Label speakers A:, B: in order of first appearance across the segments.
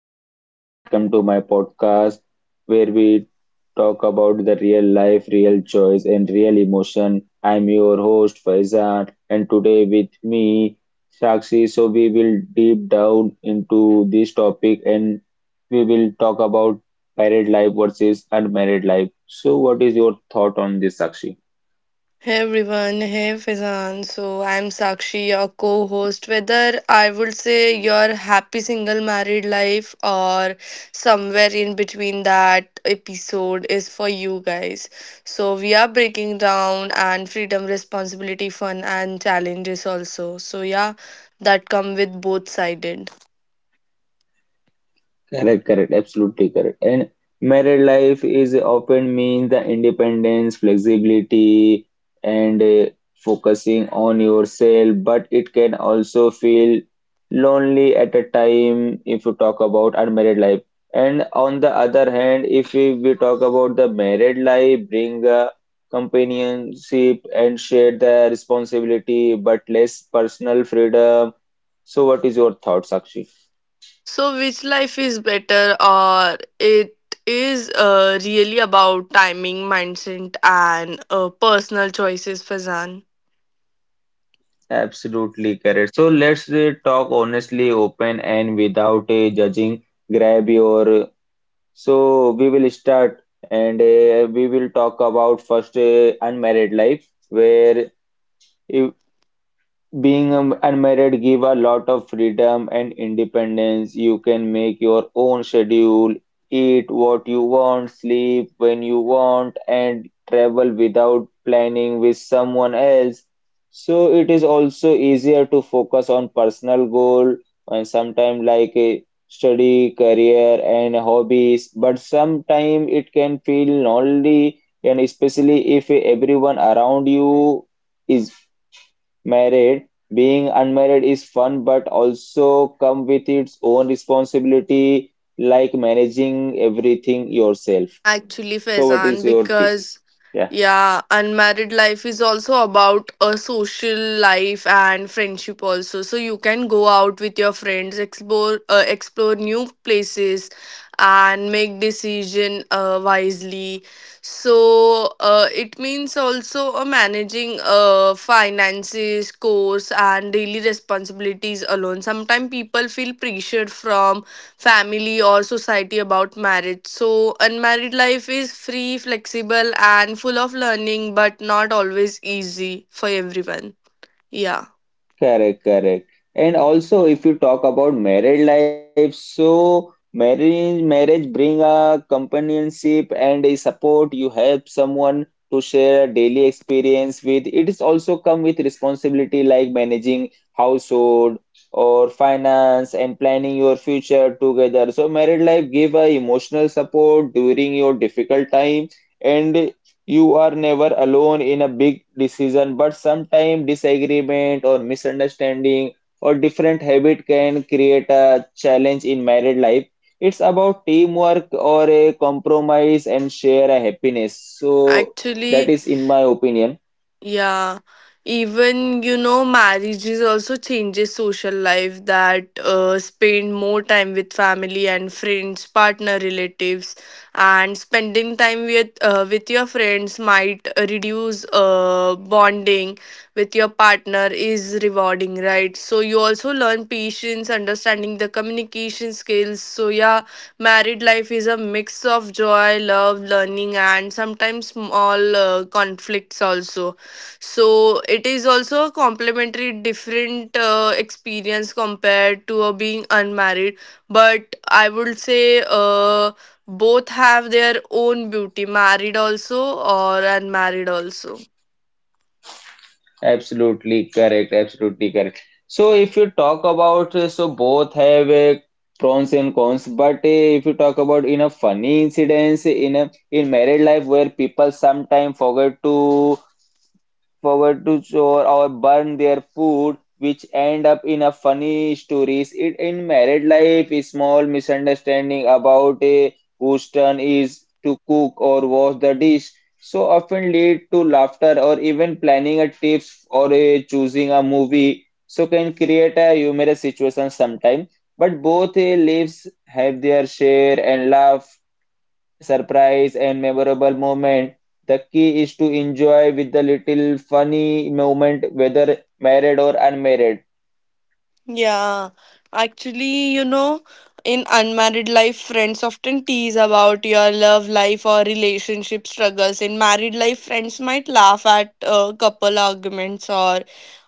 A: Hello, everyone. Welcome to my podcast where we talk about the real life, real choice, and real emotion. I'm your host, Faizan, and today with me, Sakshi. So, we will deep down into this topic and we will talk about married life versus unmarried life. So, what is your thought on this, Sakshi?
B: Hey everyone, hey Fizan. So I'm Sakshi, your co host. Whether I would say your happy single married life or somewhere in between, that episode is for you guys. So we are breaking down and freedom, responsibility, fun, and challenges also. So yeah, that come with both sided.
A: Correct, correct, absolutely correct. And married life is often means the independence, flexibility, and focusing on yourself, but it can also feel lonely at a time if you talk about unmarried life. And on the other hand, if we talk about the married life, bring a companionship and share the responsibility, but less personal freedom. So, what is your thoughts, Sakshi?
B: So, which life is better, or it is really about timing, mindset, and personal choices, Fazan?
A: Absolutely correct. So let's talk honestly, open, and without judging. Grab your. So we will start and we will talk about first unmarried life, where if being unmarried give a lot of freedom and independence. You can make your own schedule, eat what you want, sleep when you want, and travel without planning with someone else. So it is also easier to focus on personal goal and sometimes like a study, career, and hobbies. But sometimes it can feel lonely, and especially if everyone around you is married, being unmarried is fun but also come with its own responsibility like managing everything yourself.
B: Actually,
A: So what is
B: Faizan,
A: your thing?
B: because
A: Yeah.
B: yeah, unmarried life is also about a social life and friendship also. So you can go out with your friends, explore new places, and make decision wisely. So it means also managing finances, course, and daily responsibilities alone. Sometimes people feel pressured from family or society about marriage. So, unmarried life is free, flexible, and full of learning, but not always easy for everyone. Yeah,
A: Correct, correct. And also, if you talk about married life, so marriage bring a companionship and a support. You help someone to share a daily experience with. It is also come with responsibility like managing household or finance and planning your future together. So married life give a emotional support during your difficult time and you are never alone in a big decision, but sometimes disagreement or misunderstanding or different habit can create a challenge in married life. It's about teamwork or a compromise and share a happiness. So that
B: actually.
A: is in my opinion.
B: Yeah, even you know, marriages also changes social life, that spend more time with family and friends, partner, relatives, and spending time with with your friends might reduce bonding with your partner is rewarding, right? So you also learn patience, understanding the communication skills. So yeah, married life is a mix of joy, love, learning, and sometimes small conflicts also, so it is also a complementary different experience compared to being unmarried, but I would say both have their own beauty, married also or unmarried also.
A: Absolutely correct. Absolutely correct. So if you talk about, so both have pros and cons, but if you talk about in a funny incidents in a in married life where people sometimes forget to forward to chore or burn their food, which end up in a funny stories. It in married life, a small misunderstanding about a whose turn is to cook or wash the dish so often lead to laughter or even planning a tips or a choosing a movie so can create a humorous situation sometime but both lives have their share and laugh surprise and memorable moment. The key is to enjoy with the little funny moment, whether married or unmarried.
B: Yeah, actually, you know, in unmarried life, friends often tease about your love life or relationship struggles. In married life, friends might laugh at couple arguments or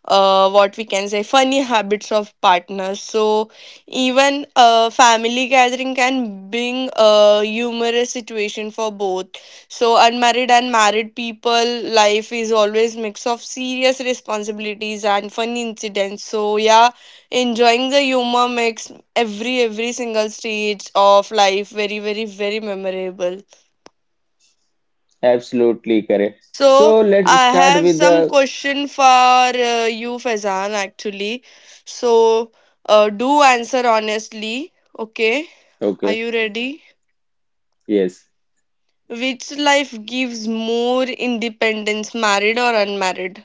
B: what we can say funny habits of partners. So, even a family gathering can bring a humorous situation for both. So, unmarried and married people life is always mix of serious responsibilities and funny incidents. So, yeah, enjoying the humor makes every single stage of life very, very, very memorable.
A: Absolutely correct.
B: So
A: So let's
B: I
A: start
B: have
A: with
B: some
A: the
B: question for you, Faizan. Actually, so do answer honestly. Okay, are
A: okay,
B: you ready?
A: yes.
B: Which life gives more independence, married or unmarried?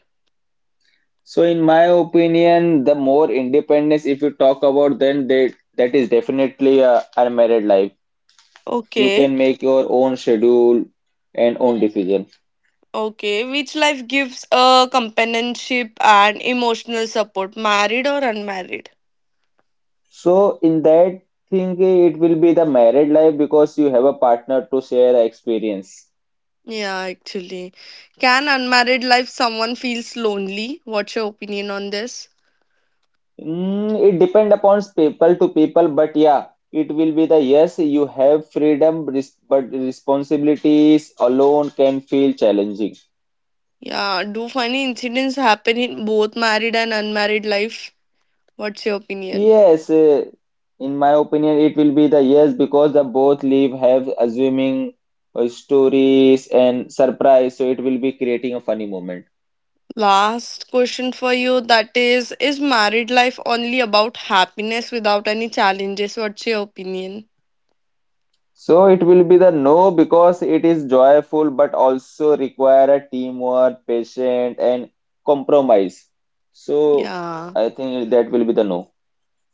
A: So in my opinion, the more independence if you talk about then that is definitely a unmarried life. You
B: Okay,
A: can make your own schedule and own decision.
B: okay. Which life gives a companionship and emotional support, married or unmarried?
A: So in that thing, it will be the married life because you have a partner to share experience.
B: Yeah, actually. Can unmarried life someone feels lonely? What's your opinion on this?
A: Mm, it depend upon people to people, but yeah, it will be the yes, you have freedom, but responsibilities alone can feel challenging.
B: Yeah, do funny incidents happen in both married and unmarried life? What's your opinion?
A: Yes, in my opinion, it will be the yes because the both leave have assuming stories and surprise, so it will be creating a funny moment.
B: Last question for you, that is married life only about happiness without any challenges? What's your opinion?
A: So it will be the no because it is joyful but also require a teamwork, patience and compromise. So
B: Yeah.
A: I think that will be the no.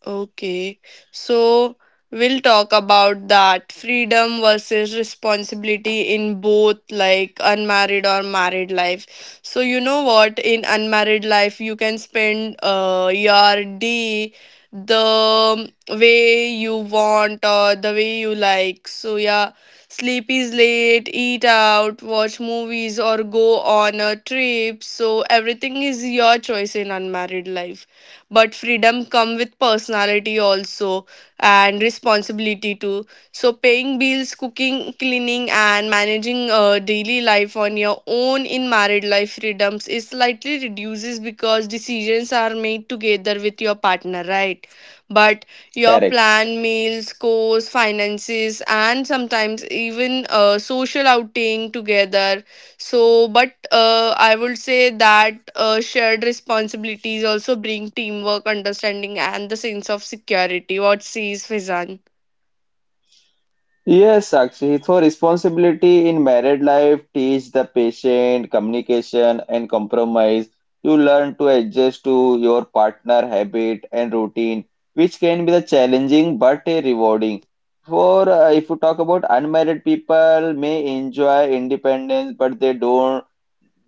B: Okay, so we'll talk about that freedom versus responsibility in both, like unmarried or married life. So you know what, in unmarried life you can spend your day the way you want or the way you like. So yeah, sleep is late, eat out, watch movies or go on a trip. So everything is your choice in unmarried life, but freedom come with personality also, and responsibility too. So paying bills, cooking, cleaning, and managing daily life on your own. In married life freedoms is slightly reduces because decisions are made together with your partner, right? But your
A: Correct.
B: plan meals, course, finances, and sometimes even social outing together. So, but I would say that shared responsibilities also bring teamwork, understanding, and the sense of security. What says Fizan?
A: Yes, Sakshi. So responsibility in married life teach the patient communication and compromise. You learn to adjust to your partner habit and routine, which can be the challenging but a rewarding. For if you talk about unmarried people may enjoy independence, but they don't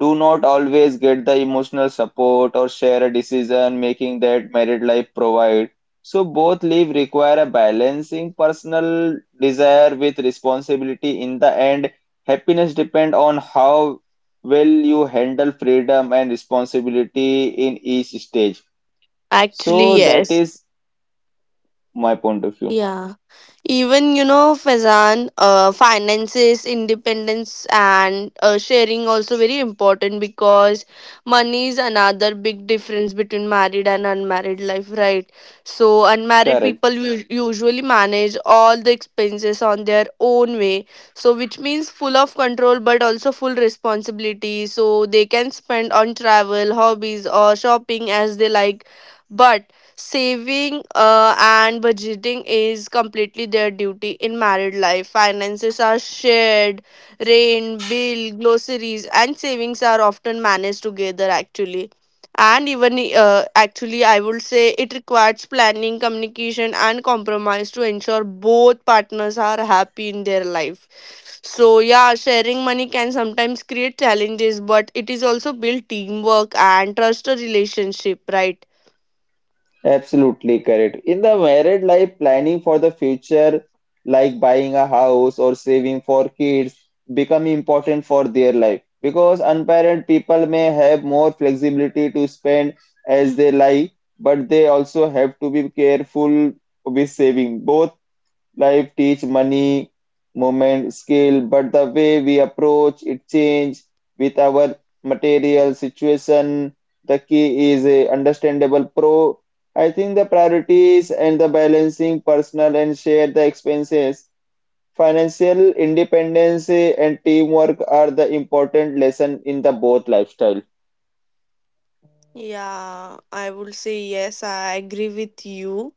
A: do not always get the emotional support or share a decision making that married life provide. So both live require a balancing personal desire with responsibility. In the end, happiness depend on how well you handle freedom and responsibility in each stage.
B: Actually,
A: So that
B: yes.
A: is my point of view.
B: Yeah. Even, you know, Fazan, finances, independence, and sharing also very important, because money is another big difference between married and unmarried life, right? So, unmarried
A: Correct.
B: people usually manage all the expenses on their own way, so which means full of control but also full responsibility. So, they can spend on travel, hobbies, or shopping as they like. But saving and budgeting is completely their duty. In married life finances are shared, rent, bill, groceries, and savings are often managed together, actually. And even actually, I would say it requires planning, communication, and compromise to ensure both partners are happy in their life. So yeah, sharing money can sometimes create challenges, but it is also build teamwork and trust a relationship, right?
A: Absolutely correct. In the married life, planning for the future, like buying a house or saving for kids, become important for their life because unparent people may have more flexibility to spend as they like, but they also have to be careful with saving. Both life teach money, moment, skill, but the way we approach it change with our material situation. The key is a understandable pro. I think the priorities and the balancing personal and share the expenses. Financial independence and teamwork are the important lesson in the both lifestyle.
B: Yeah, I would say yes, I agree with you,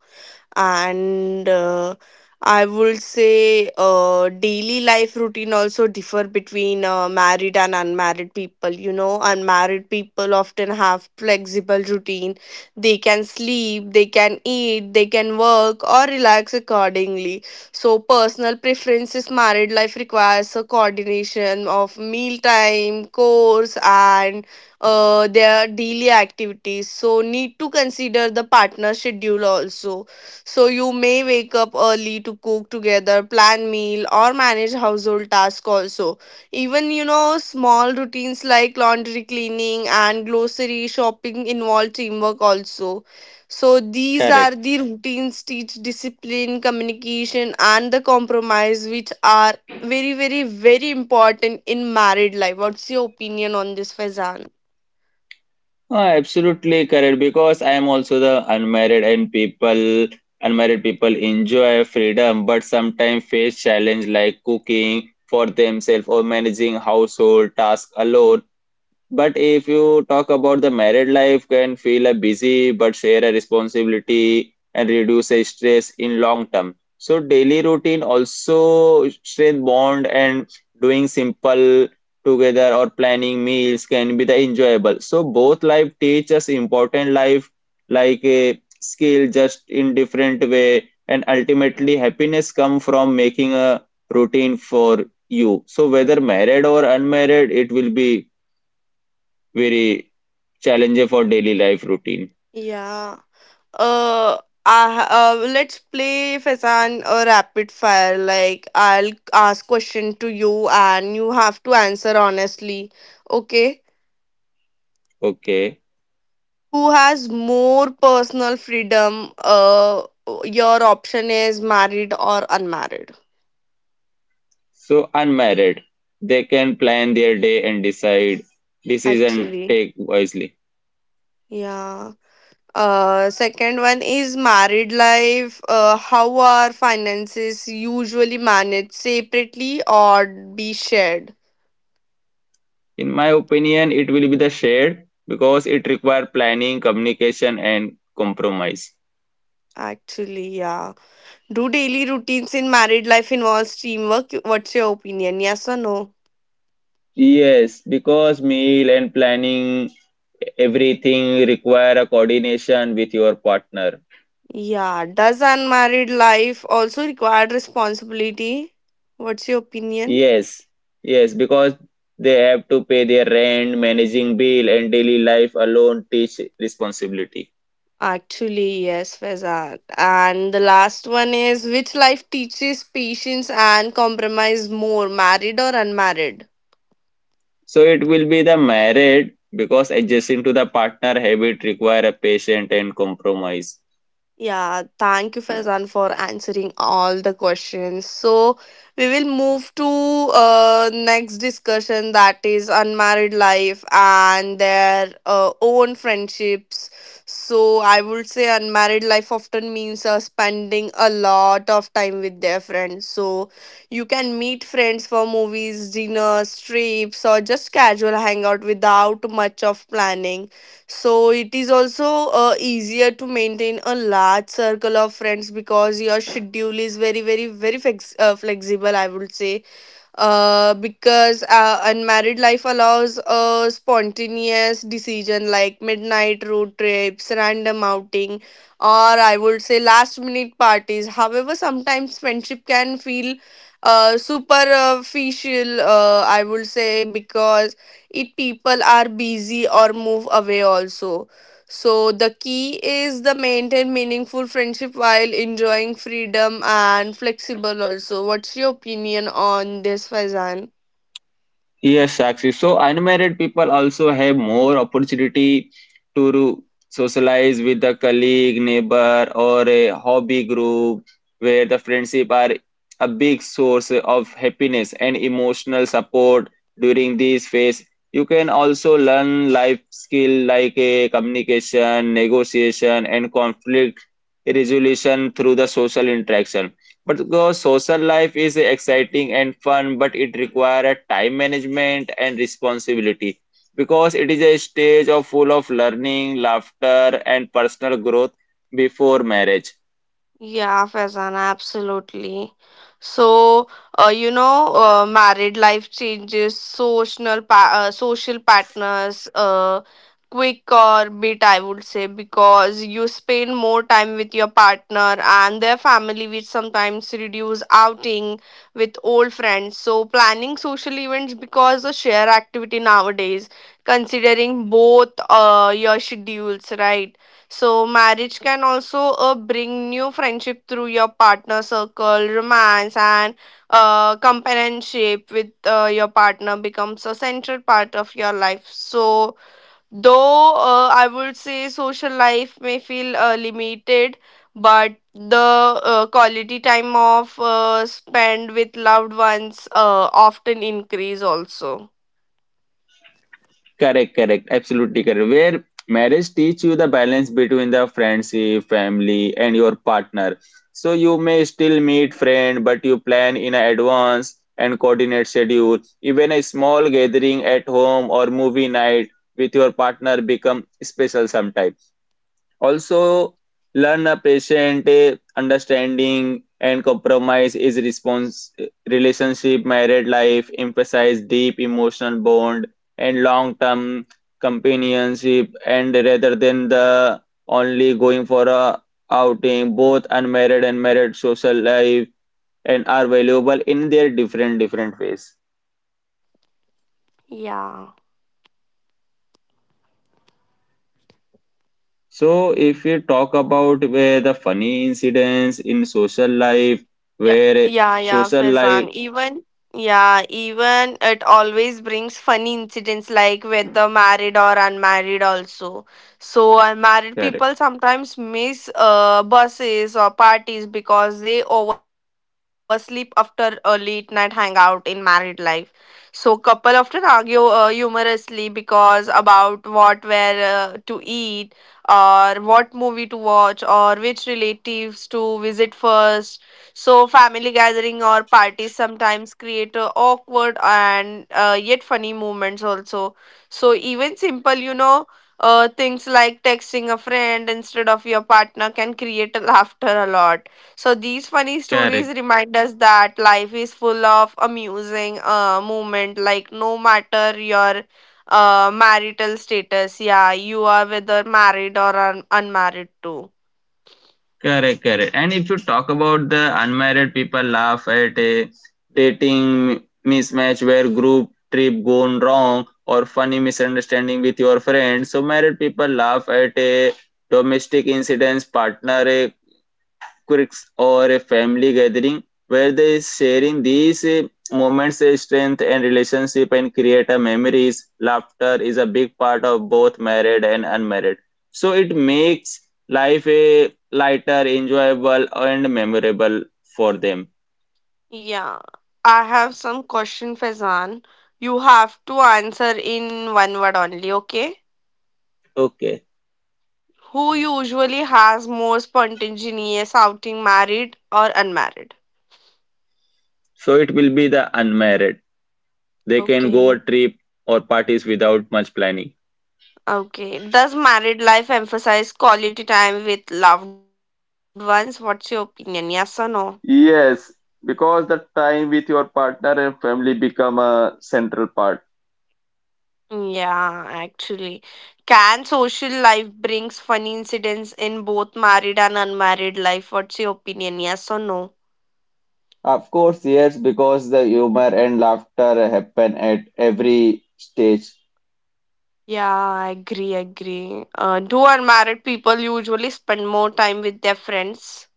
B: and I would say daily life routine also differ between married and unmarried people. You know, unmarried people often have flexible routine, they can sleep, they can eat, they can work or relax accordingly, so personal preferences. Married life requires a coordination of meal time, course, and their daily activities, so need to consider the partner schedule also. So you may wake up early to cook together, plan meal, or manage household tasks also. Even you know, small routines like laundry, cleaning, and grocery shopping involve teamwork also. So these
A: Correct.
B: are the routines teach discipline, communication, and the compromise, which are very, very, very important in married life. What's your opinion on this, Faizan?
A: Oh, absolutely correct because I am also the unmarried and people unmarried people enjoy freedom but sometimes face challenge like cooking for themselves or managing household tasks alone but if you talk about the married life, can feel a busy but share a responsibility and reduce a stress in long term. So daily routine also strength bond and doing simple together or planning meals can be the enjoyable. So both life teach us important life like a skill just in different way and ultimately happiness come from making a routine for you. So whether married or unmarried, it will be very challenging for daily life routine.
B: Yeah. Uh, I, let's play Faizan a rapid fire. Like I'll ask question to you and you have to answer honestly. Okay?
A: Okay.
B: Who has more personal freedom? Your option is married or unmarried.
A: So unmarried, they can plan their day and decide decision
B: Actually,
A: take wisely.
B: yeah. Second one is married life. How are finances usually managed, separately or be shared?
A: In my opinion, it will be the shared because it require planning, communication, and compromise.
B: Actually, yeah. Do daily routines in married life involves teamwork? What's your opinion? Yes or no?
A: Yes, because meal and planning everything require a coordination with your partner.
B: Yeah. Does unmarried life also require responsibility? What's your opinion?
A: Yes, yes, because they have to pay their rent, managing bill, and daily life alone teach responsibility.
B: Actually, yes, Faizan. And the last one is, which life teaches patience and compromise more, married or unmarried?
A: So it will be the married because adjusting to the partner habit require a patient and compromise.
B: Yeah, thank you, Faizan, for answering all the questions. So we will move to next discussion, that is unmarried life and their own friendships. So I would say unmarried life often means spending a lot of time with their friends. So you can meet friends for movies, dinners, trips, or just casual hangout without much of planning. So it is also easier to maintain a large circle of friends because your schedule is very, very, very, flexible, I would say. Because unmarried life allows a spontaneous decision like midnight road trips, random outing, or I would say last minute parties. However, sometimes friendship can feel superficial, I would say, because it people are busy or move away also, so the key is the maintain meaningful friendship while enjoying freedom and flexible also. What's your opinion on this, Faizan?
A: Yes, actually. So unmarried people also have more opportunity to socialize with the colleague, neighbor, or a hobby group where the friendship are a big source of happiness and emotional support during this phase. You can also learn life skill like a communication, negotiation, and conflict resolution through the social interaction. But because social life is exciting and fun, but it requires time management and responsibility. Because it is a stage of full of learning, laughter, and personal growth before marriage.
B: Yeah, Faizan, absolutely. So, you know, married life changes social pa social partners, quick or bit, I would say, because you spend more time with your partner and their family, which sometimes reduce outing with old friends. So, planning social events because a shared activity nowadays, considering both your schedules, right? So marriage can also bring new friendship through your partner circle, romance, and companionship with your partner becomes a central part of your life. So though I would say social life may feel limited, but the quality time of spend with loved ones often increase also.
A: Correct, correct, absolutely correct. Where marriage teach you the balance between the friendship, family, and your partner. So you may still meet friend, but you plan in advance and coordinate schedule. Even a small gathering at home or movie night with your partner become special sometime. Also, learn a patient, understanding and compromise is response relationship, married life, emphasize deep emotional bond and long-term companionship, and rather than the only going for a outing, both unmarried and married social life and are valuable in their different ways.
B: Yeah.
A: So, if we talk about where the funny incidents in social life,
B: Yeah,
A: where
B: yeah,
A: social
B: Faizan.
A: life
B: Even yeah, even it always brings funny incidents, like whether married or unmarried also. So unmarried
A: correct,
B: people sometimes miss buses or parties because they oversleep after a late night hangout. In married life, so couple often argue humorously because about what, where to eat or what movie to watch or which relatives to visit first. So, family gathering or parties sometimes create awkward and yet funny moments also. So, even simple, you know, things like texting a friend instead of your partner can create a laughter a lot. So, these funny stories
A: correct,
B: remind us that life is full of amusing moment, like no matter your marital status, yeah, you are whether married or unmarried too.
A: correct, correct. And if you talk about the unmarried people laugh at a dating mismatch where group trip gone wrong or funny misunderstanding with your friend. So married people laugh at a domestic incidents, partner quirks or a family gathering where they sharing these moments, strength and relationship and create a memories laughter is a big part of both married and unmarried so it makes life a lighter enjoyable and memorable for them
B: Yeah, I have some question, Faizan. You have to answer in one word only, okay?
A: okay
B: Who Mm. usually has more spontaneous outing, married or unmarried?
A: so it will be the unmarried they can go a
B: Okay,
A: trip or parties without much planning.
B: okay. Does married life emphasize quality time with loved ones? What's your opinion? Yes or no?
A: Yes, because the time with your partner and family become a central part.
B: Yeah, actually. Can social life brings funny incidents in both married and unmarried life? What's your opinion? Yes or no?
A: Of course, yes, because the humor and laughter happen at every stage.
B: Yeah, I agree, agree. Do unmarried people usually spend more time with their friends?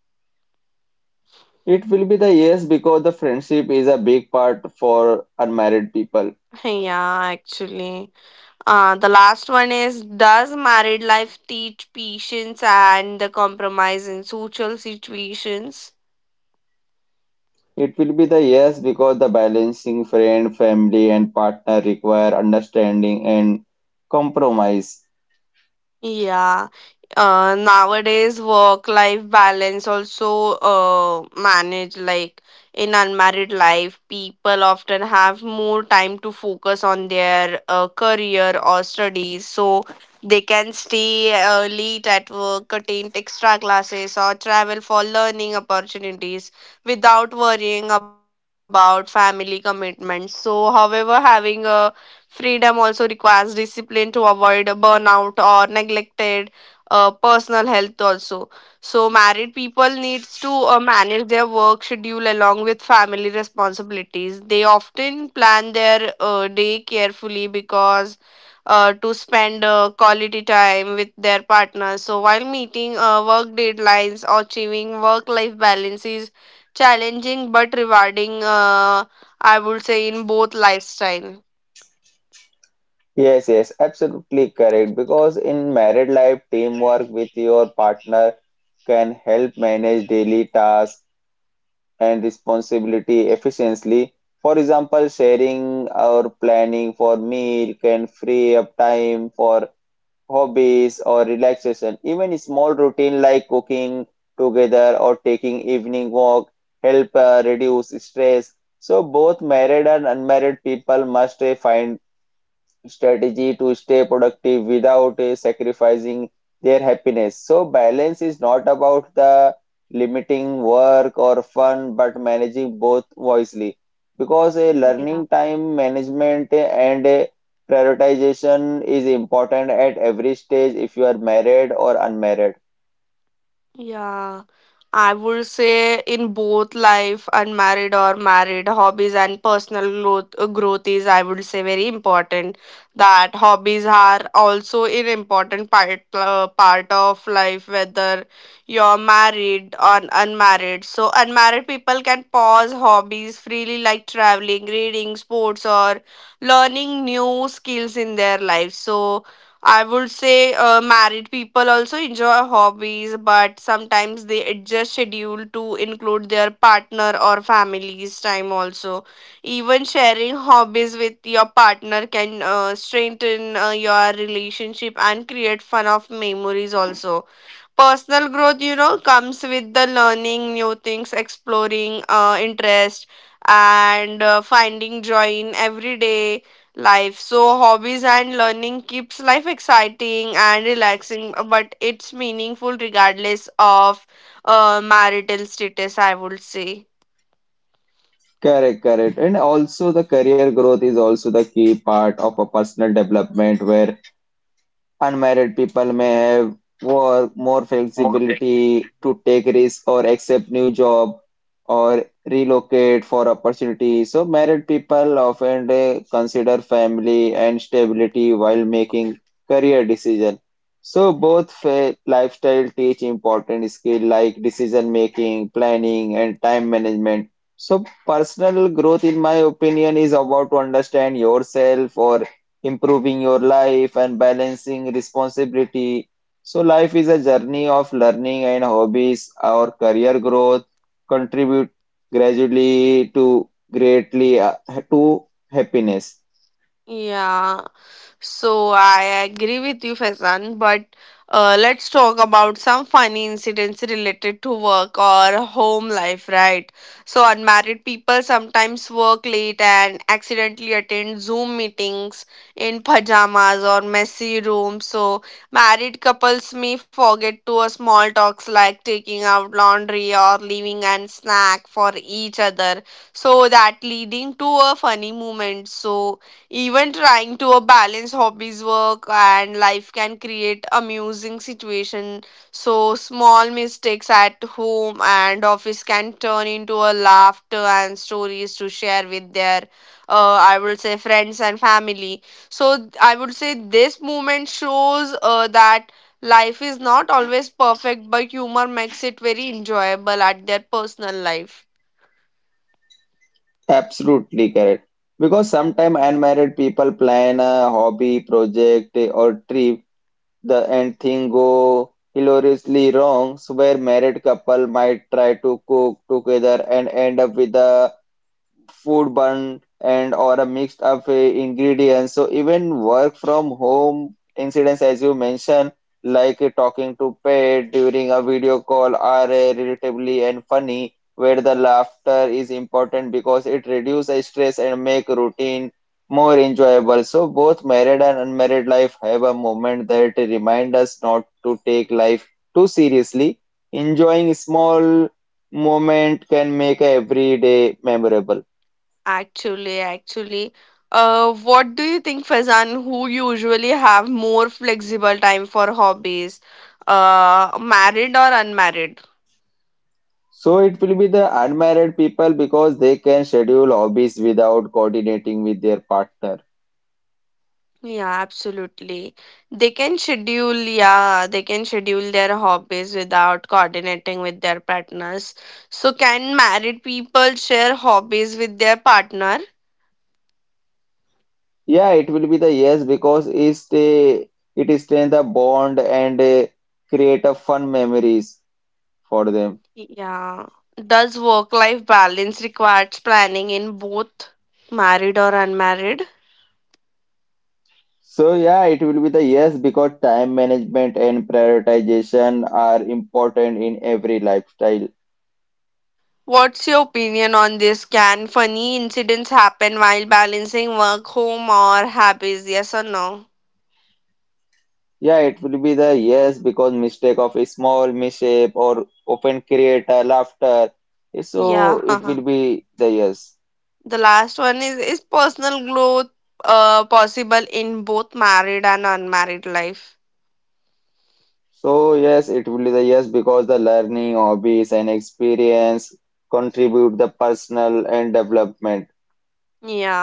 A: It will be the yes because the friendship is a big part for unmarried people.
B: Yeah, actually. The last one is, does married life teach patience and the compromise in social situations?
A: It will be the yes because the balancing friend, family, and partner require understanding and compromise.
B: Yeah. Nowadays, work-life balance also managed, like in unmarried life, people often have more time to focus on their career or studies. So they can stay late at work, attend extra classes, or travel for learning opportunities without worrying about family commitments. So, however, having a freedom also requires discipline to avoid burnout or neglected personal health also. So married people needs to manage their work schedule along with family responsibilities. They often plan their day carefully because to spend quality time with their partner. So while meeting work deadlines, or achieving work-life balance is challenging but rewarding. I would say in both lifestyle.
A: Yes, yes, absolutely correct. Because in married life, teamwork with your partner can help manage daily tasks and responsibility efficiently. For example, sharing our planning for meal can free up time for hobbies or relaxation. Even small routine like cooking together or taking evening walk help reduce stress. So both married and unmarried people must find strategy to stay productive without sacrificing their happiness. So, balance is not about the limiting work or fun, but managing both wisely. Because a
B: Yeah.
A: learning time management and a prioritization is important at every stage if you are married or unmarried.
B: Yeah. I would say in both life, unmarried or married, hobbies and personal growth growth is I would say very important. That hobbies are also an important part of life, whether you're married or unmarried. So unmarried people can pause hobbies freely, like traveling, reading, sports, or learning new skills in their life. So I would say married people also enjoy hobbies, but sometimes they adjust schedule to include their partner or family's time also. Even sharing hobbies with your partner can strengthen your relationship and create fun of memories also. Personal growth, comes with the learning new things, exploring interest, and finding joy in everyday life. So hobbies and learning keeps life exciting and relaxing, but it's meaningful regardless of marital status, I would say.
A: Correct, correct. And also the career growth is also the key part of a personal development where unmarried people may have were more flexibility to take risks or accept new job or relocate for opportunity. So married people often consider family and stability while making career decision. So both lifestyle teach important skill like decision making, planning, and time management. So personal growth, in my opinion, is about to understand yourself or improving your life and balancing responsibility. So, life is a journey of learning and hobbies. Our career growth contribute gradually to greatly to happiness.
B: Yeah, so I agree with you, Faizan, but let's talk about some funny incidents related to work or home life, right? So, unmarried people sometimes work late and accidentally attend Zoom meetings in pajamas or messy rooms. So, married couples may forget to a small talks like taking out laundry or leaving an snack for each other. So, that leading to a funny moment. So, even trying to balance hobbies, work, and life can create amusing situation. So small mistakes at home and office can turn into a laughter and stories to share with their, I would say, friends and family. So I would say this movement shows that life is not always perfect, but humor makes it very enjoyable at their personal life.
A: Absolutely correct. Because sometimes unmarried people plan a hobby, project, or trip, the end thing go hilariously wrong. So where married couple might try to cook together and end up with a food bun and or a mixed up ingredients. So even work from home incidents, as you mentioned, like talking to pet during a video call are relatively and funny, where the laughter is important because it reduces stress and make routine more enjoyable. So both married and unmarried life have a moment that remind us not to take life too seriously. Enjoying small moment can make every day memorable.
B: Actually, actually, what do you think, Faizan, who usually have more flexible time for hobbies, married or unmarried?
A: So it will be the unmarried people because they can schedule hobbies without coordinating with their partner.
B: Yeah, absolutely. They can schedule, yeah, they can schedule their hobbies without coordinating with their partners. So, can married people share hobbies with their partner?
A: Yeah, it will be the yes because it strengthens the bond and create a fun memories for them.
B: Yeah. Does work-life balance requires planning in both married or unmarried?
A: So yeah, it will be the yes because time management and prioritization are important in every lifestyle.
B: What's your opinion on this? Can funny incidents happen while balancing work, home, or habits? Yes or no?
A: Yeah, it will be the yes because mistake of a small mishap or often create a laughter. So
B: Yeah.
A: it will be the yes.
B: The last one is personal growth possible in both married and unmarried life?
A: So yes, it will be the yes because the learning, hobbies, and experience contribute the personal and development.
B: Yeah,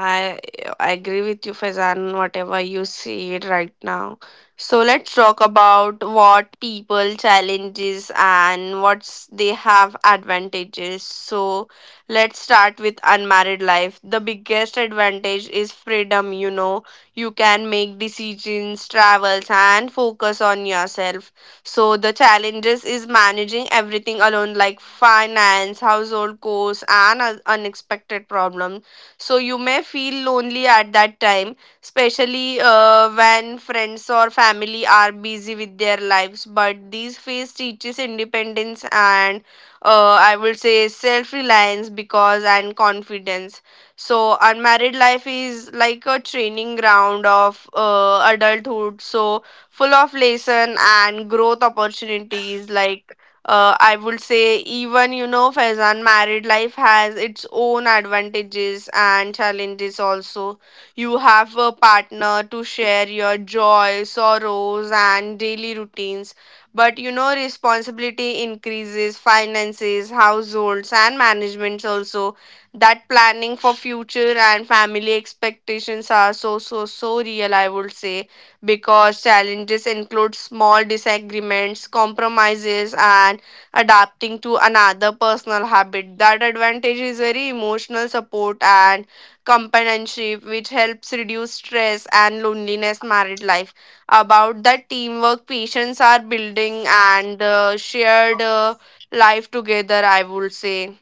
B: I agree with you, Faizan, whatever you said right now. So let's talk about what people challenges and what's they have advantages. So let's start with unmarried life. The biggest advantage is freedom, you know. You can make decisions, travels and focus on yourself. So the challenges is managing everything alone like finance, household costs and unexpected problems, so you may feel lonely at that time, especially when friends or family are busy with their lives. But these phase teaches independence and, I would say, self reliance because and confidence. So unmarried life is like a training ground of adulthood. So full of lesson and growth opportunities, like I would say. Even you know, Faizan, married life has its own advantages and challenges also. You have a partner to share your joy, sorrows and daily routines. But you know responsibility increases, finances, households and managements also. That planning for future and family expectations are so so so real, I would say, because challenges include small disagreements, compromises, and adapting to another personal habit. That advantage is very emotional support and companionship, which helps reduce stress and loneliness married life. About that teamwork, patients are building and shared life together, I would say.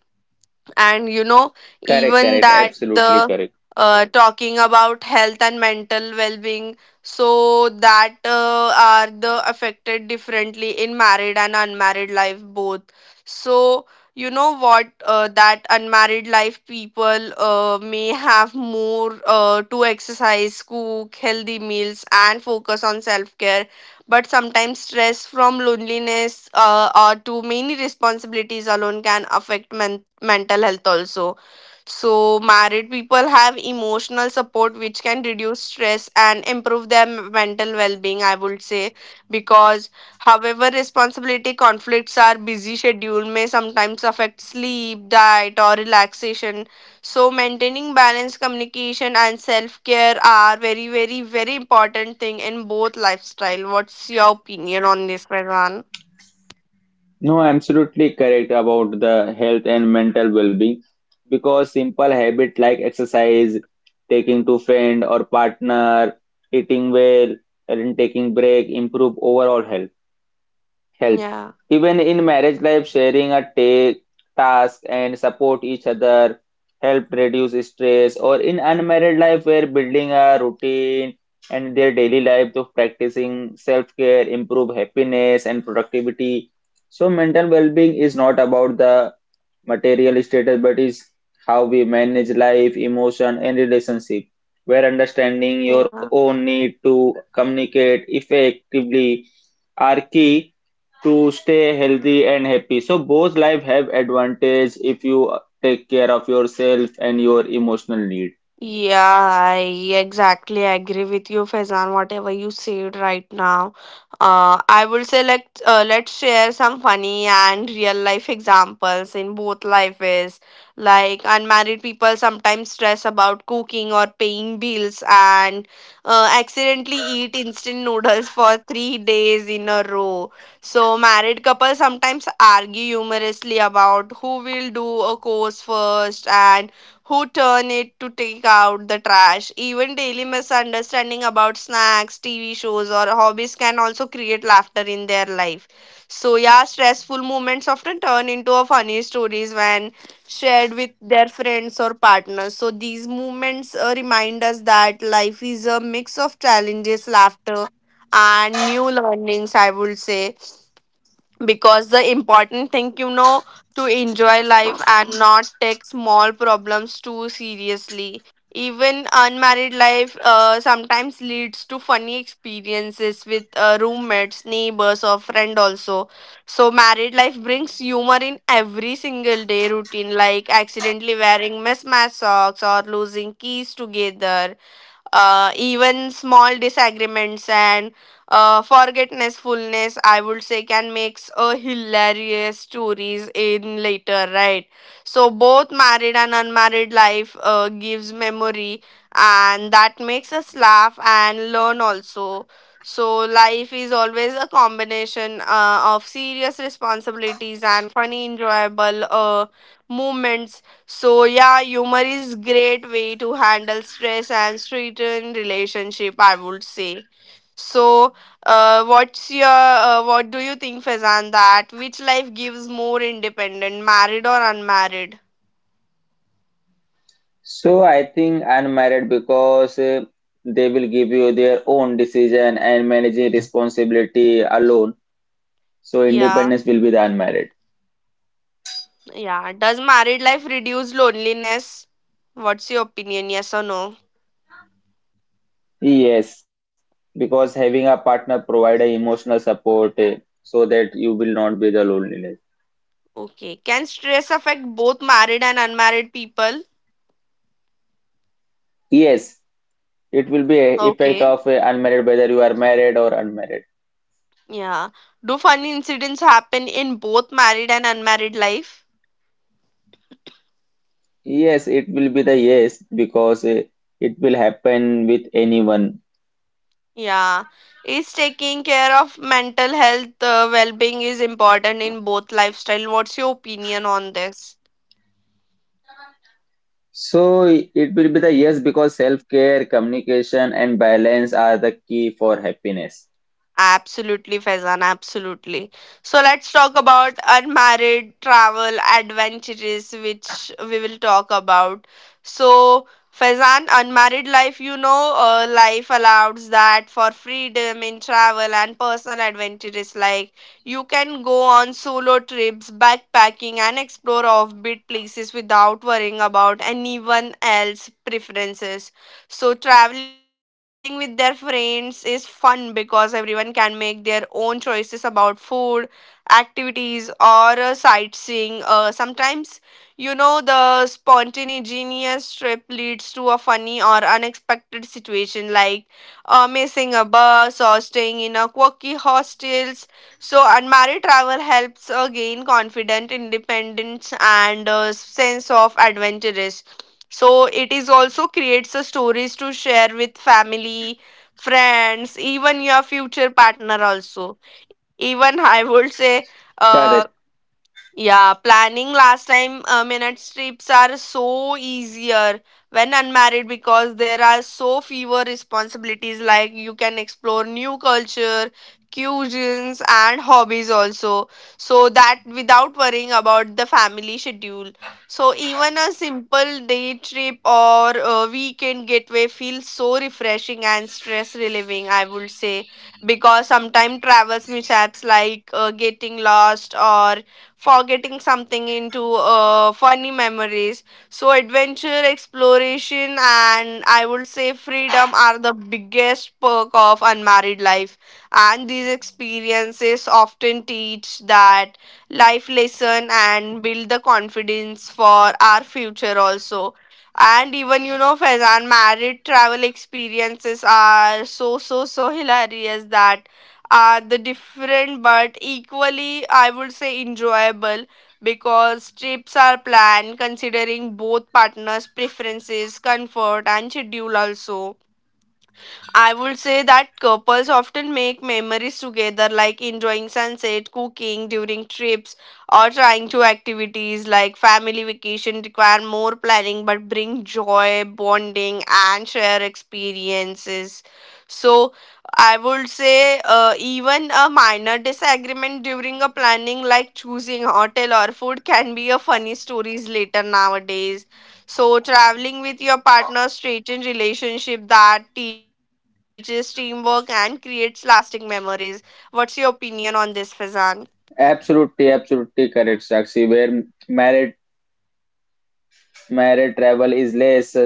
B: And you know, even that the
A: Correct.
B: talking about health and mental well-being, so that are the affected differently in married and unmarried life both. So you know what that unmarried life people may have more to exercise, cook healthy meals and focus on self-care, but sometimes stress from loneliness or too many responsibilities alone can affect mental health also. So married people have emotional support, which can reduce stress and improve their mental well-being, I would say, because however responsibility conflicts are busy schedule may sometimes affect sleep, diet or relaxation. So maintaining balance, communication and self-care are very very very important thing in both lifestyle. What's your opinion on this, Faizan?
A: No, absolutely correct about the health and mental well-being because simple habit like exercise, taking to friend or partner, eating well, and taking break improve overall health. Help.
B: Yeah.
A: Even in marriage life, sharing a task and support each other help reduce stress. Or in unmarried life, where building a routine and their daily life to practicing self-care, improve happiness and productivity. So mental well-being is not about the material status, but is how we manage life, emotion, and relationship. Where understanding your
B: Yeah.
A: own need to communicate effectively are key to stay healthy and happy. So both life have advantage if you take care of yourself and your emotional need.
B: Yeah, I exactly agree with you, Faizan. Whatever you said right now, I would say let's share some funny and real life examples in both lives. Like unmarried people sometimes stress about cooking or paying bills, and accidentally eat instant noodles for 3 days in a row. So married couples sometimes argue humorously about who will do a course first and who turn it to take out the trash. Even daily misunderstanding about snacks, TV shows, or hobbies can also create laughter in their life. So, yeah, stressful moments often turn into a funny stories when shared with their friends or partners. So, these moments remind us that life is a mix of challenges, laughter, and new learnings, I would say, because the important thing, you know, to enjoy life and not take small problems too seriously. Even unmarried life sometimes leads to funny experiences with roommates, neighbors or friend also. So married life brings humor in every single day routine, like accidentally wearing mismatched socks or losing keys together. Uh, even small disagreements and forgetfulness, I would say, can makes a hilarious stories in later, right? So both married and unmarried life gives memory and that makes us laugh and learn also. So life is always a combination of serious responsibilities and funny enjoyable moments. So yeah, humor is great way to handle stress and strengthen relationship. I would say. So, what do you think, Fazan? That which life gives more independent, married or unmarried?
A: So I think unmarried because they will give you their own decision and managing responsibility alone. So
B: Yeah,
A: independence will be the unmarried.
B: yeah. Does married life reduce loneliness? What's your opinion? Yes or no?
A: Yes, because having a partner provide a emotional support so that you will not be the loneliness.
B: Okay. Can stress affect both married and unmarried people?
A: Yes, it will be a effect
B: Okay.
A: of unmarried whether you are married or unmarried.
B: Yeah. Do funny incidents happen in both married and unmarried life?
A: Yes, it will be the yes because it will happen with anyone.
B: Yeah, is taking care of mental health well-being is important in both lifestyle. What's your opinion on this?
A: So it will be the yes because self-care, communication, and balance are the key for happiness.
B: Absolutely, Faizan, absolutely. So let's talk about unmarried travel adventures, which we will talk about. So, Faizan, unmarried life, you know, life allows that for freedom in travel and personal adventures. Like, you can go on solo trips, backpacking, and explore offbeat places without worrying about anyone else's preferences. So traveling with their friends is fun because everyone can make their own choices about food, activities, or sightseeing. Sometimes, you know, the spontaneous trip leads to a funny or unexpected situation, like missing a bus or staying in a quirky hostels. So unmarried travel helps gain confident independence and sense of adventurous. So it is also creates a stories to share with family, friends, even your future partner also. Even I would say uh,
A: Correct.
B: yeah, planning last time minutes trips are so easier when unmarried, because there are so fewer responsibilities, like you can explore new culture, cuisines and hobbies also. So that without worrying about the family schedule. So even a simple day trip or a weekend getaway feels so refreshing and stress relieving, I would say, because sometimes travels mishaps like getting lost or forgetting something into funny memories. So, adventure, exploration, and I would say freedom are the biggest perk of unmarried life. And these experiences often teach that life lesson and build the confidence for our future also. And even you know, Faizan, married travel experiences are so so so hilarious, that are the different but equally, I would say, enjoyable, because trips are planned considering both partners preferences, comfort and schedule also. I would say that couples often make memories together, like enjoying sunset, cooking during trips, or trying to activities like family vacation require more planning but bring joy, bonding, and share experiences. So, I would say even a minor disagreement during a planning, like choosing hotel or food, can be a funny stories later nowadays. So, traveling with your partner strengthens relationship that teaches teamwork and creates lasting memories. What's your opinion on this, Fazan?
A: Absolutely, absolutely correct, Sakshi. Where married Married travel is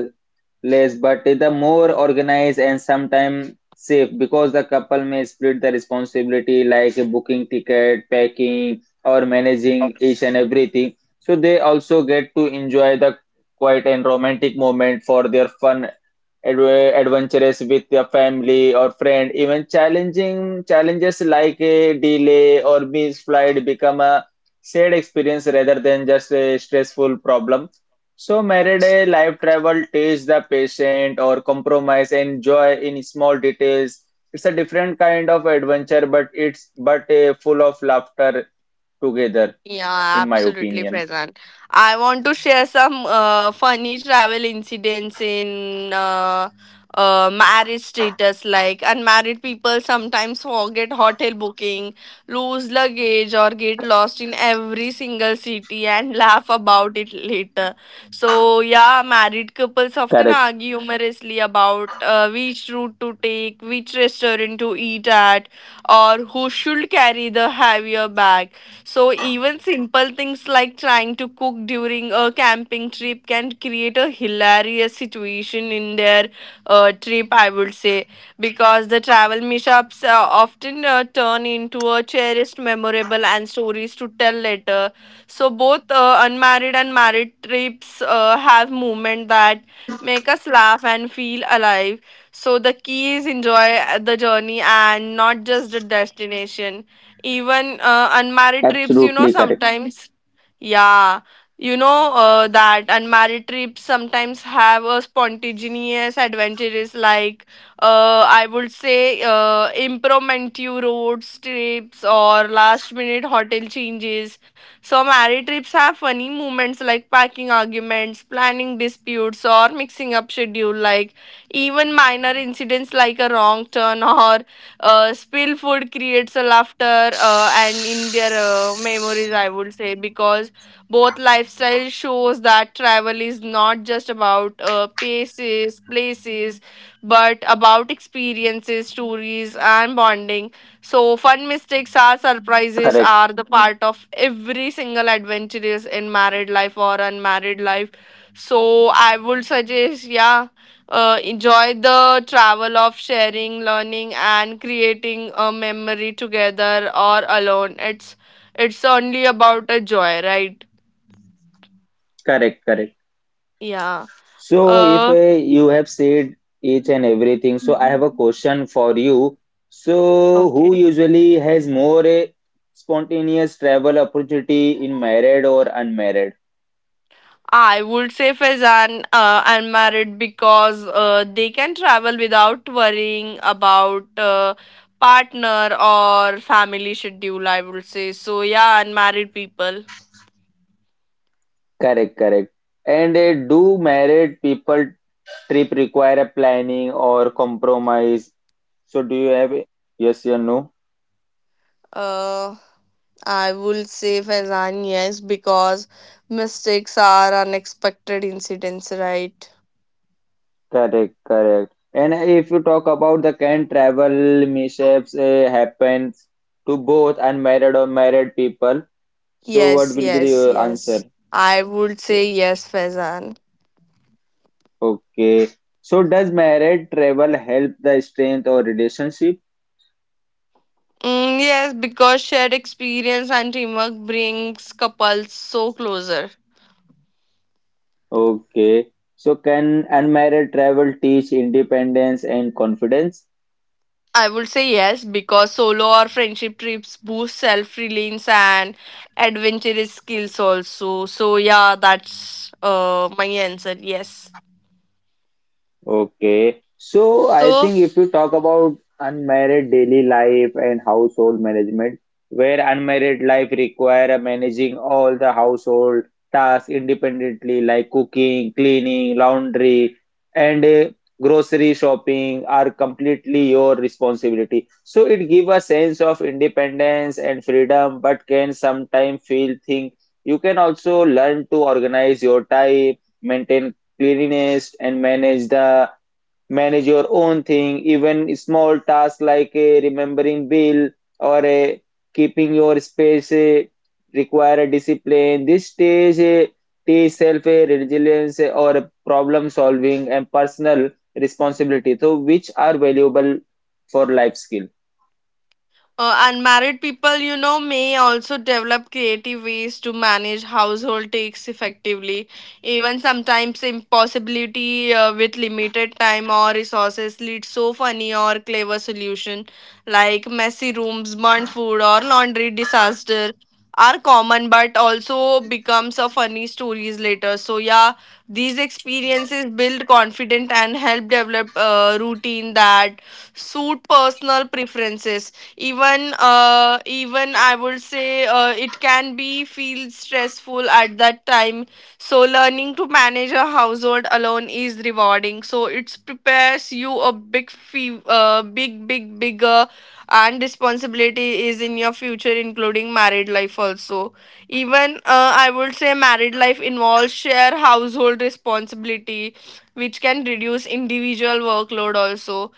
A: less, but the more organized and sometimes safe because the couple may split the responsibility like booking ticket, packing, or managing each and everything. So they also get to enjoy the quiet and romantic moment for their fun adventurous with your family or friend. Even challenging challenges like a delay or missed flight become a shared experience rather than just a stressful problem. So, married a life travel teaches the patient or compromise and joy in small details. It's a different kind of adventure, but it's but full of laughter together,
B: Yeah,
A: in my
B: absolutely
A: opinion.
B: present. I want to share some funny travel incidents in marriage status. Like unmarried people sometimes forget hotel booking, lose luggage, or get lost in every single city and laugh about it later. So yeah, married couples
A: Correct.
B: often argue humorously about which route to take, which restaurant to eat at, or who should carry the heavier bag. So even simple things like trying to cook during a camping trip can create a hilarious situation in their trip, I would say, because the travel mishaps often turn into a cherished, memorable, and stories to tell later. So both unmarried and married trips have movement that make us laugh and feel alive. So the key is enjoy the journey and not just the destination. Even unmarried trips, you know,
A: Absolutely correct.
B: sometimes yeah, you know that unmarried trips sometimes have a spontaneous adventures, like I would say impromptu road trips or last minute hotel changes. So married trips have funny moments like packing arguments, planning disputes, or mixing up schedule. Like even minor incidents like a wrong turn or spill food creates a laughter and in their memories I would say because both lifestyle shows that travel is not just about uh, places, but about experiences, stories, and bonding. So fun mistakes are
A: Correct.
B: surprises are the part of every single adventurous in married life or unmarried life. So I would suggest, yeah, enjoy the travel of sharing, learning, and creating a memory together or alone. It's only about a joy, right?
A: Correct. Correct.
B: Yeah.
A: So, if
B: Uh,
A: you have said each and everything, so I have a question for you. So, who
B: okay.
A: usually has more spontaneous travel opportunity in married or unmarried?
B: I would say Faizan unmarried because they can travel without worrying about partner or family schedule. I would say so. Yeah, unmarried people.
A: Correct, correct. And do married people trip require a planning or compromise? So, do you have yes or no?
B: Uh, I will say Faizan yes because mistakes are unexpected incidents, right?
A: Correct, correct. And if you talk about the can travel mishaps happens to both unmarried or married people. So what
B: Yes,
A: will be
B: yes,
A: the answer?
B: yes. I would
A: Yes.
B: say yes, Faizan.
A: Okay. So does married travel help the strength or relationship?
B: Mm, yes, because shared experience and teamwork brings couples so closer.
A: Okay. So can unmarried travel teach independence and confidence?
B: I would say yes because solo or friendship trips boost self reliance and adventurous skills also. So yeah, that's my answer. Yes.
A: Okay. So I
B: So
A: think if you talk about unmarried daily life and household management, where unmarried life require a managing all the household tasks independently, like cooking, cleaning, laundry, and grocery shopping are completely your responsibility. So it give a sense of independence and freedom, but can sometimes feel think you can also learn to organize your time, maintain cleanliness and manage your own thing even small tasks like a remembering bill or a keeping your space require a discipline this stage teach self resilience or problem solving and personal responsibility so which are valuable for life skill.
B: Unmarried people, you know, may also develop creative ways to manage household tasks effectively. Even sometimes impossibility with limited time or resources leads so funny or clever solution like messy rooms, burnt food or laundry disaster are common but also becomes a funny stories later. So yeah, these experiences build confidence and help develop a routine that suit personal preferences even I would say it can be feel stressful at that time so learning to manage a household alone is rewarding so it prepares you a big bigger and responsibility is in your future including married life also even I would say married life involves share household responsibility which can reduce individual workload also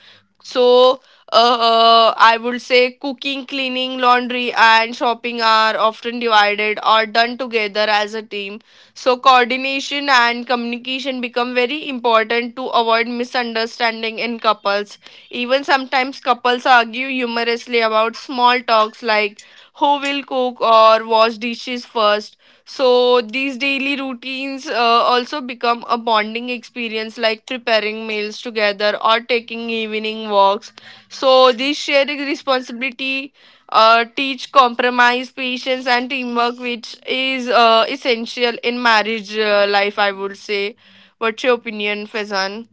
B: so I would say cooking, cleaning, laundry, and shopping are often divided or done together as a team. So, coordination and communication become very important to avoid misunderstanding in couples. Even sometimes couples argue humorously about small talks like who will cook or wash dishes first. So, these daily routines also become a bonding experience like preparing meals together or taking evening walks so this sharing responsibility teach compromise, patience, and teamwork, which is essential in marriage life. I would say. What's your opinion, Fezan?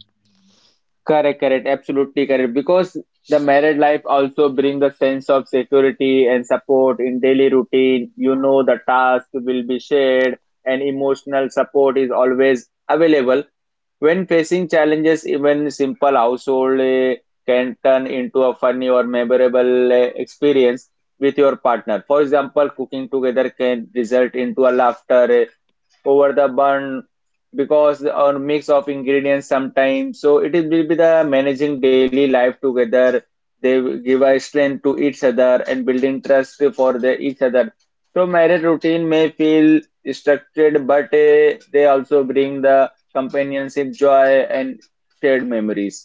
A: Correct, correct, absolutely correct. Because the married life also brings a sense of security and support in daily routine. You know the task will be shared and emotional support is always available. When facing challenges, even simple household can turn into a funny or memorable experience with your partner. For example, cooking together can result into a laughter over the bun because a mix of ingredients sometimes so will be the managing daily life together, they will give a strength to each other and building trust for the each other. So marriage routine may feel structured, but they also bring the companionship, joy, and shared memories.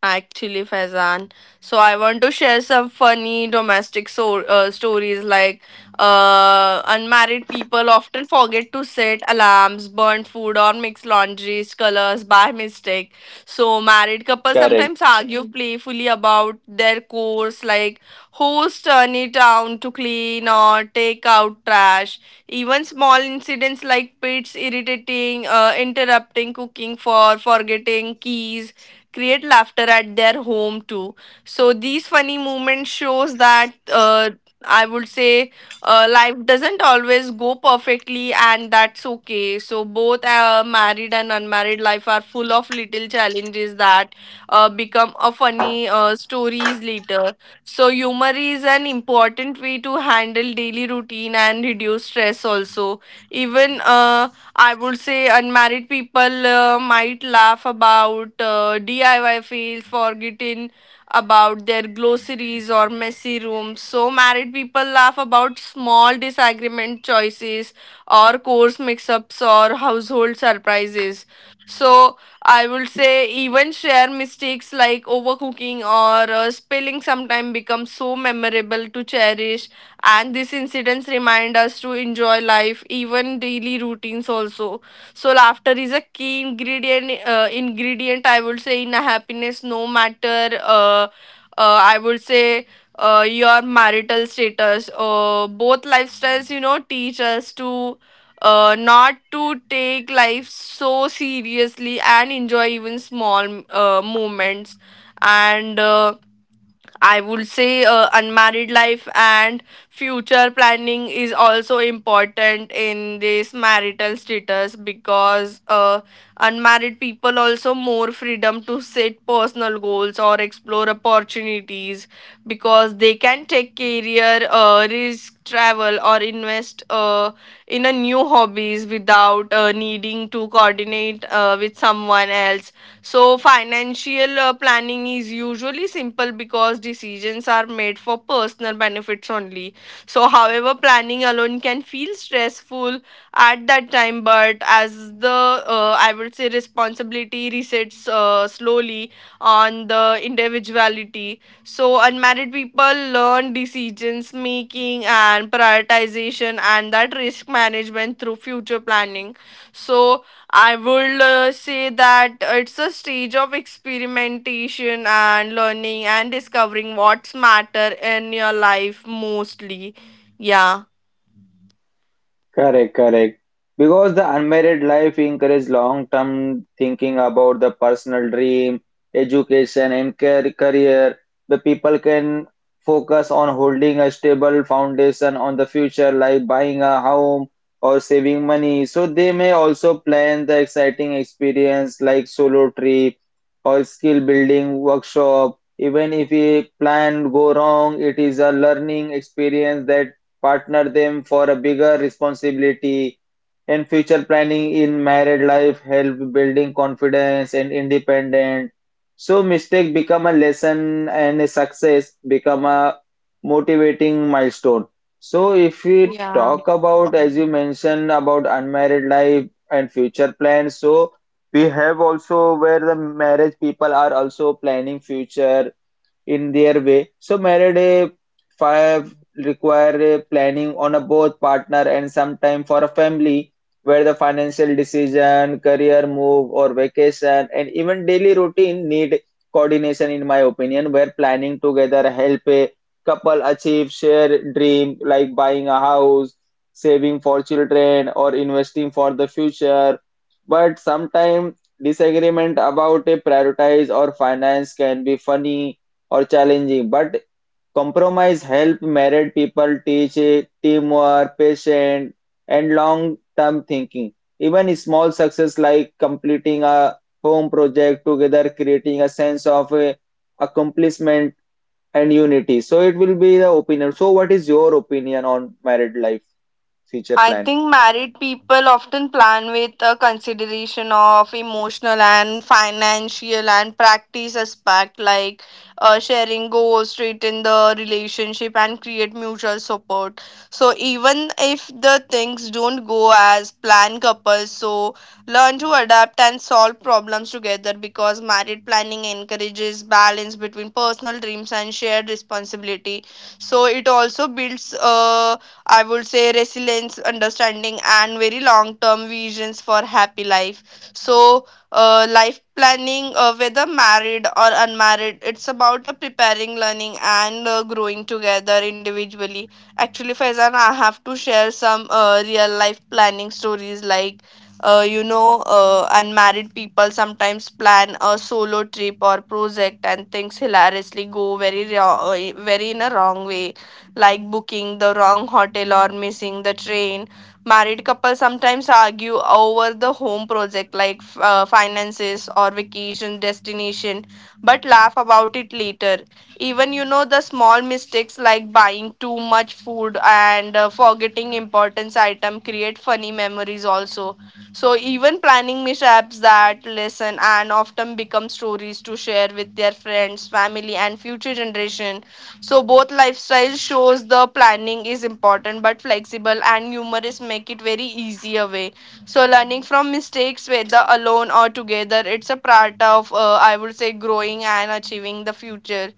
B: Actually, Faizan. So I want to share some funny domestic stories like unmarried people often forget to set alarms, burn food, or mix laundry colors by mistake. So married couples
A: Correct.
B: sometimes argue playfully about their chores, like who's turning down to clean or take out trash. Even small incidents like pets irritating, interrupting cooking for forgetting keys create laughter at their home too so these funny moments shows that I would say life doesn't always go perfectly and that's okay so both married and unmarried life are full of little challenges that become a funny stories later so humor is an important way to handle daily routine and reduce stress also even I would say unmarried people might laugh about DIY fails, forgetting about their glossaries or messy rooms. So, married people laugh about small disagreement choices or course mix ups or household surprises. So, I would say even share mistakes like overcooking or spilling sometimes become so memorable to cherish and these incidents remind us to enjoy life even daily routines also so laughter is a key ingredient I would say in a happiness no matter I would say your marital status both lifestyles you know teach us to not to take life so seriously and enjoy even small moments and I would say unmarried life and future planning is also important in this marital status because unmarried people also more freedom to set personal goals or explore opportunities because they can take career risk travel or invest in a new hobbies without needing to coordinate with someone else so, financial planning is usually simple because decisions are made for personal benefits only. So, however, planning alone can feel stressful at that time, but as the I would say responsibility resets slowly on the individuality. So, unmarried people learn decisions making and prioritization and that risk management through future planning. So, I would say that it's a stage of experimentation and learning and discovering what's matter in your life mostly. Yeah.
A: Correct, correct. Because the unmarried life encourages long-term thinking about the personal dream, education, and career. The people can focus on holding a stable foundation on the future, like buying a home or saving money. So they may also plan the exciting experience like solo trip or skill building workshop. Even if a plan go wrong, it is a learning experience that partner them for a bigger responsibility and future planning in married life help building confidence and independence. So mistake become a lesson and a success become a motivating milestone. So if we
B: Yeah.
A: talk about as you mentioned about unmarried life and future plans, so we have also where the marriage people are also planning future in their way. So married a fire require a planning on a both partner and sometime for a family, where the financial decision, career move or vacation and even daily routine need coordination in my opinion, where planning together help a couple achieve shared dream like buying a house, saving for children or investing for the future. But sometimes disagreement about a prioritize or finance can be funny or challenging, but compromise help married people teach teamwork, patience, and long-term thinking. Even small success like completing a home project together, creating a sense of accomplishment and unity. So it will be the opinion. So what is your opinion on married life future
B: I
A: plan?
B: think married people often plan with a consideration of emotional and financial and practice aspect like sharing goals, straighten the relationship and create mutual support. So even if the things don't go as planned, couples so learn to adapt and solve problems together because married planning encourages balance between personal dreams and shared responsibility so it also builds I would say resilience, understanding, and very long term visions for happy life. So, life planning, whether married or unmarried, it's about preparing, learning, and growing together individually. Actually, Faizan, I have to share some real life planning stories like. You know, unmarried people sometimes plan a solo trip or project, and things hilariously go very, wrong, very in a wrong way like booking the wrong hotel or missing the train. Married couples sometimes argue over the home project, like finances or vacation destination, but laugh about it later. Even you know the small mistakes like buying too much food and forgetting important item create funny memories also. So even planning mishaps that lesson and often become stories to share with their friends, family, and future generation. So both lifestyles shows the planning is important but flexible and humorous make it very easier way. So learning from mistakes whether alone or together it's a part of I would say growing and achieving the future.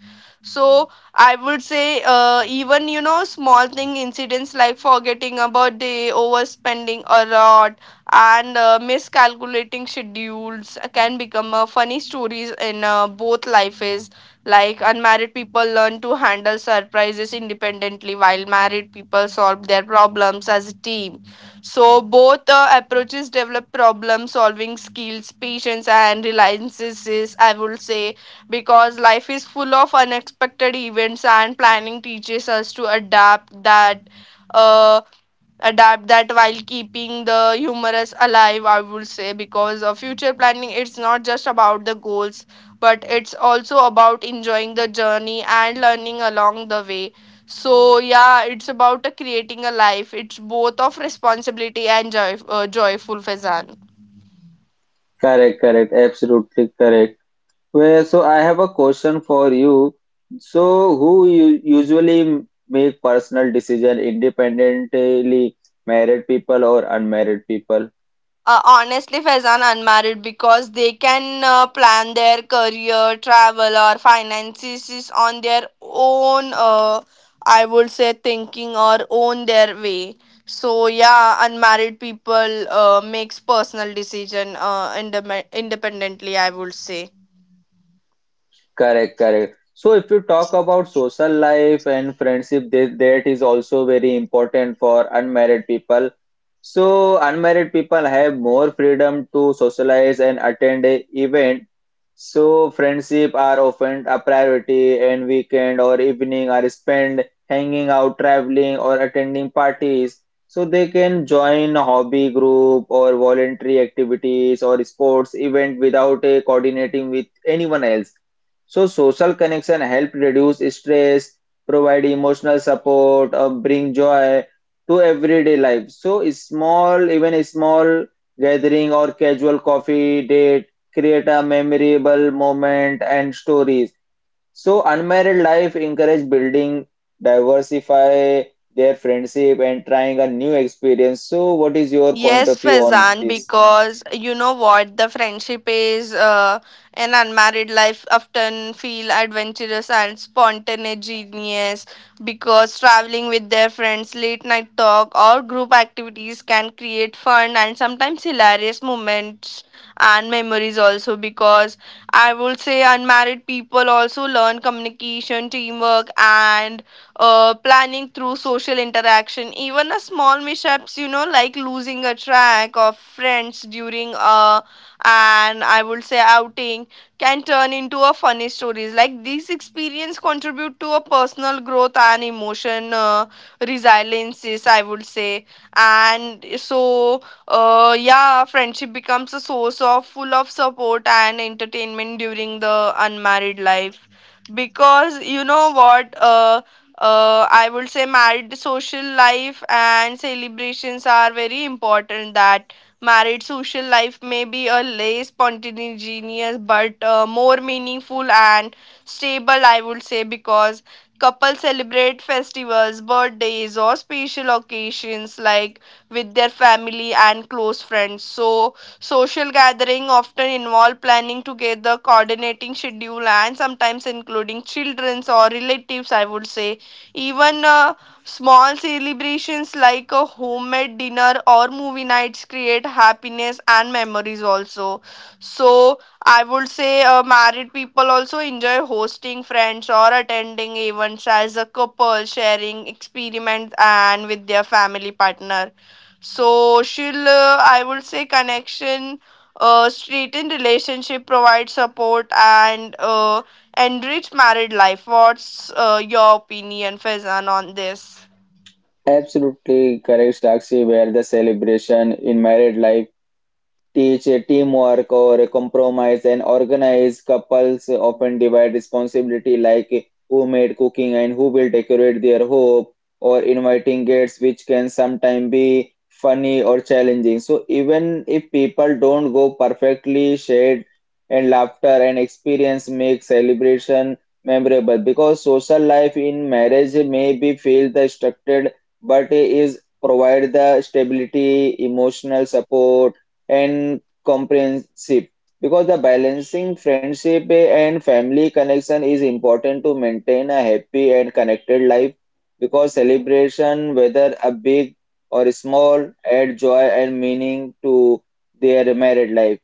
B: So I would say even you know small thing incidents like forgetting about the overspending a lot and miscalculating schedules can become funny stories in both lives like unmarried people learn to handle surprises independently, while married people solve their problems as a team. So both approaches develop problem solving skills, patience, and reliances. I would say because life is full of unexpected events, and planning teaches us to adapt that. Uh, Adapt that while keeping the humorous alive I would say because of future planning it's not just about the goals but it's also about enjoying the journey and learning along the way. So yeah, it's about creating a life. It's both of responsibility and joy, joyful, Fezan.
A: Correct, correct, absolutely correct. Well, so I have a question for you. So, who you usually make personal decision independently, married people or unmarried people?
B: Honestly, Faizan unmarried because they can plan their career, travel, or finances on their own. I would say thinking or own their way. So yeah, unmarried people makes personal decision independently. I would say.
A: Correct, correct. So if you talk about social life and friendship, that is also very important for unmarried people. So unmarried people have more freedom to socialize and attend a event. So friendship are often a priority and weekend or evening are spent hanging out, traveling or attending parties. So they can join a hobby group or voluntary activities or sports event without a coordinating with anyone else. So social connection help reduce stress, provide emotional support, or bring joy to everyday life. So small, even a small gathering or casual coffee date create a memorable moment and stories. So unmarried life encourage building, diversify their friendship and trying a new experience. So what is your point
B: Yes,
A: of view on
B: Faizan,
A: this?
B: because you know what? The friendship is an unmarried life often feel adventurous and spontaneous because traveling with their friends, late night talk, or group activities can create fun and sometimes hilarious moments and memories also because I would say unmarried people also learn communication, teamwork, and planning through social interaction, even a small mishaps, you know, like losing a track of friends during and I would say outing, can turn into a funny stories. Like these experience contribute to a personal growth and emotion resiliences, I would say. And so, yeah, friendship becomes a source of full of support and entertainment during the unmarried life because you know what I would say married social life and celebrations are very important. That married social life may be a less spontaneous but more meaningful and stable, I would say, because couples celebrate festivals, birthdays, or special occasions like with their family and close friends. So, social gathering often involve planning together, coordinating schedule, and sometimes including children's or relatives, I would say even small celebrations like a homemade dinner or movie nights create happiness and memories also. So I would say married people also enjoy hosting friends or attending events as a couple, sharing experiments and with their family partner. So she'll, I would say, connection, straightened relationship, provide support and rich married life. What's your opinion, Faizan, on this?
A: Absolutely correct, Sakshi, where the celebration in married life teach teamwork or compromise, and organize couples often divide responsibility like who made cooking and who will decorate their home or inviting guests, which can sometimes be funny or challenging. So even if people don't go perfectly, shared and laughter and experience make celebration memorable, because social life in marriage may be feel the structured but is provide the stability, emotional support and comprehensive, because the balancing friendship and family connection is important to maintain a happy and connected life, because celebration whether a big or small add joy and meaning to their married life.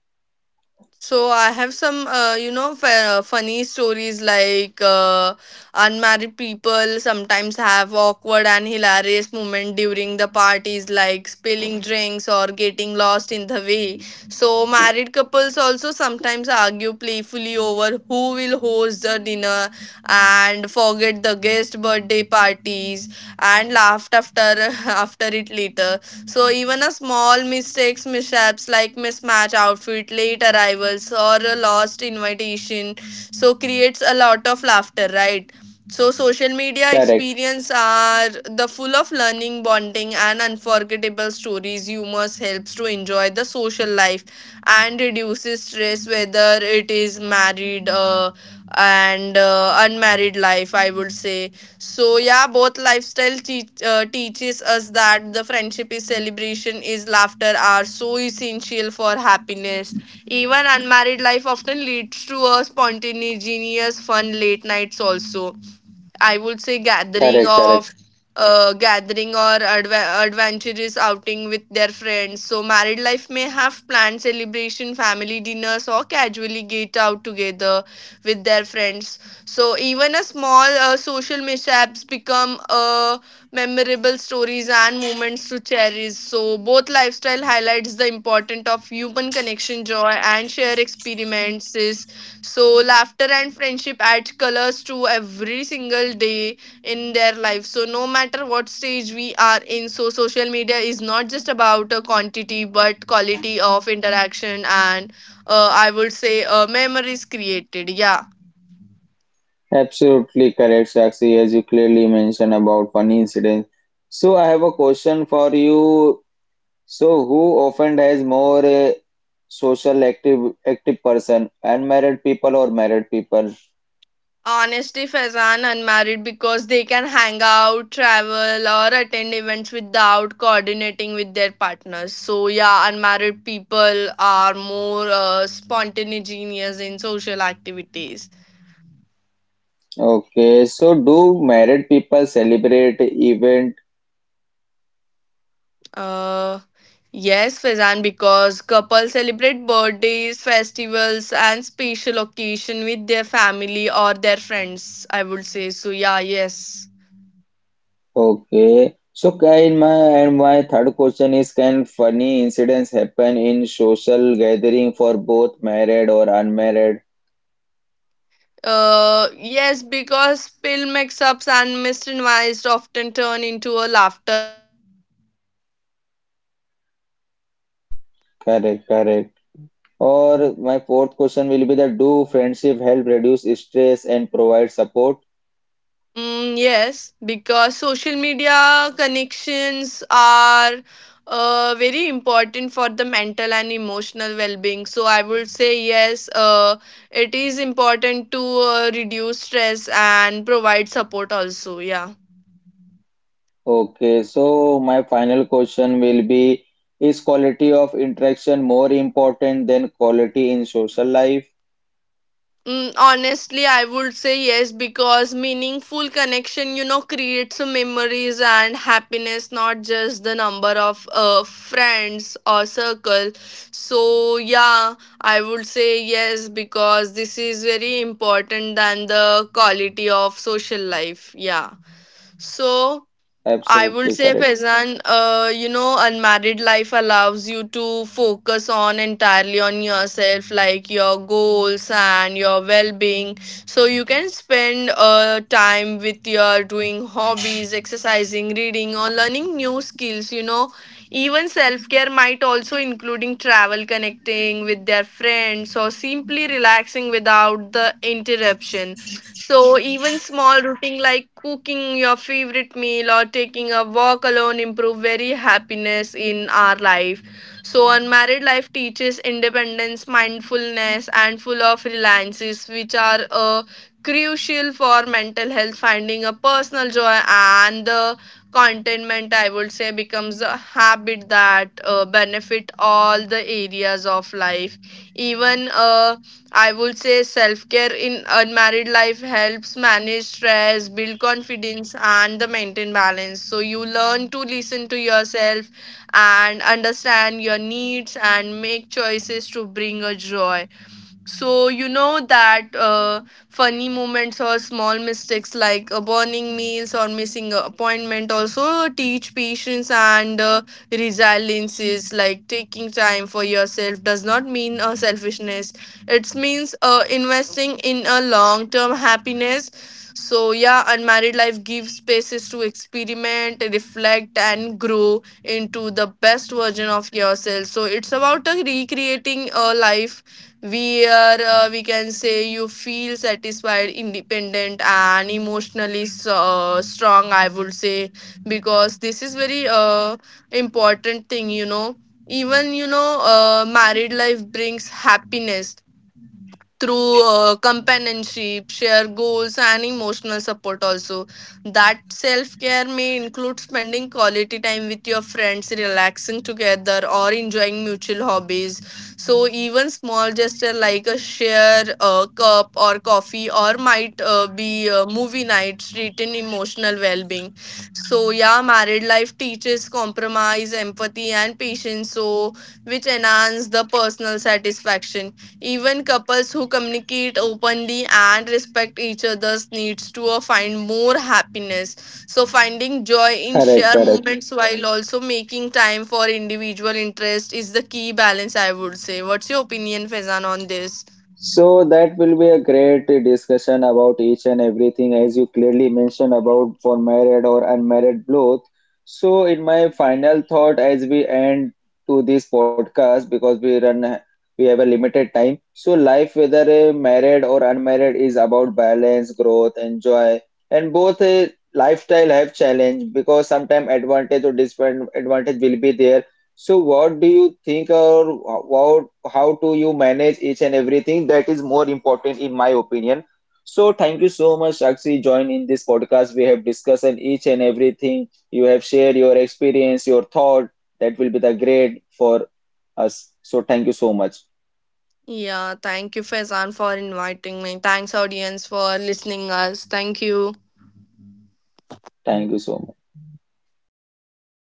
B: So I have some, you know, funny stories like unmarried people sometimes have awkward and hilarious moment during the parties, like spilling drinks or getting lost in the way. So married couples also sometimes argue playfully over who will host the dinner and forget the guest birthday parties and laughed after after it later. So even a small mistakes, mishaps like mismatch outfit, late arrivals, or a lost invitation, so creates a lot of laughter, right? So social media
A: Correct,
B: experience are the full of learning, bonding, and unforgettable stories. Humor helps to enjoy the social life and reduces stress, whether it is married and unmarried life. I would say so yeah, both lifestyle teaches us that the friendship is celebration, is laughter are so essential for happiness. Even unmarried life often leads to a spontaneous, fun late nights also, I would say, gathering
A: correct, correct.
B: of adventurous outing with their friends. So married life may have planned celebration, family dinners or casually get out together with their friends. So even a small social mishaps become memorable stories and moments to cherish. So both lifestyle highlights the importance of human connection, joy and share experiences, so laughter and friendship add colors to every single day in their life. So no matter what stage we are in, so social media is not just about a quantity but quality of interaction and, I would say, memories created. Yeah.
A: Absolutely correct, Sakshi, as you clearly mentioned about one incident. So I have a question for you. So, who often has more social active person, unmarried people or married people?
B: Honestly, Faizan, unmarried, because they can hang out, travel, or attend events without coordinating with their partners. So, yeah, unmarried people are more spontaneous in social activities.
A: Okay. So, do married people celebrate event?
B: Uh, yes, Faizan, because couples celebrate birthdays, festivals, and special occasion with their family or their friends, I would say. So, yeah, yes.
A: Okay. So, can my and my third question is, can funny incidents happen in social gathering for both married or unmarried?
B: Yes, because pill mix-ups and misadvised often turn into a laughter a lot. So yeah, I would say yes.
A: Correct, correct. Or my fourth question will be that do friendship help reduce stress and provide support?
B: Mm, yes, because social media connections are very important for the mental and emotional well-being. So I would say yes. It is important to reduce stress and provide support also. Yeah.
A: Okay, so my final question will be, is quality of interaction more important than quality in social life?
B: Mm, honestly, I would say yes because meaningful connection, you know, creates memories and happiness, not just the number of friends or circle. So, yeah, I would say yes because this is very important than the quality of social life. Yeah. So, I would
A: Absolutely
B: say,
A: correct.
B: Faizan, you know, unmarried life allows you to focus on entirely on yourself, like your goals and your well-being. So you can spend time with your doing hobbies, exercising, reading, or learning new skills. You know, even self-care might also including travel, connecting with their friends, or simply relaxing without the interruption. So, even small routine like cooking your favorite meal or taking a walk alone improve very happiness in our life. So, unmarried life teaches independence, mindfulness, and full of reliances, which are crucial for mental health. Finding a personal joy and the contentment, I would say, becomes a habit that benefit all the areas of life. Even I would say self care in unmarried life helps manage stress, build confidence, and the maintain balance. So you learn to listen to yourself and understand your needs and make choices to bring a joy. So you know that, funny moments or small mistakes like burning meals or missing an appointment also teach patience and, resilience. Is like taking time for yourself does not mean selfishness. It means investing in a long term happiness. So yeah, unmarried life gives spaces to experiment, reflect, and grow into the best version of yourself. So it's about recreating a life where, we can say, you feel satisfied, independent, and emotionally so, strong, I would say, because this is very important thing, you know. Even, you know, married life brings happiness through companionship, share goals, and emotional support. Also, that self care may include spending quality time with your friends, relaxing together, or enjoying mutual hobbies. So, even small gesture like a share cup or coffee, or might be movie night, strengthen emotional well being. So, yeah, married life teaches compromise, empathy, and patience. So, which enhance the personal satisfaction, even couples who communicate openly and respect each other's needs to find more happiness. So, finding joy in
A: Correct,
B: shared
A: correct.
B: moments while also making time for individual interest is the key balance, I would say. What's your opinion, Faizan, on this?
A: So that will be a great discussion about each and everything as you clearly mentioned about for married or unmarried both. So in my final thought as we end to this podcast because we have a limited time. So life whether married or unmarried is about balance, growth, and joy, and both lifestyle have challenge because sometimes advantage or disadvantage will be there, so what do you think or about how do you manage each and everything that is more important in my opinion. So thank you so much, Sakshi, join in this podcast. We have discussed on each and everything. You have shared your experience, your thought. That will be the grade for us. So thank you so much.
B: Yeah, thank you, Faizan, for inviting me. Thanks, audience, for listening us. Thank you.
A: Thank you so much.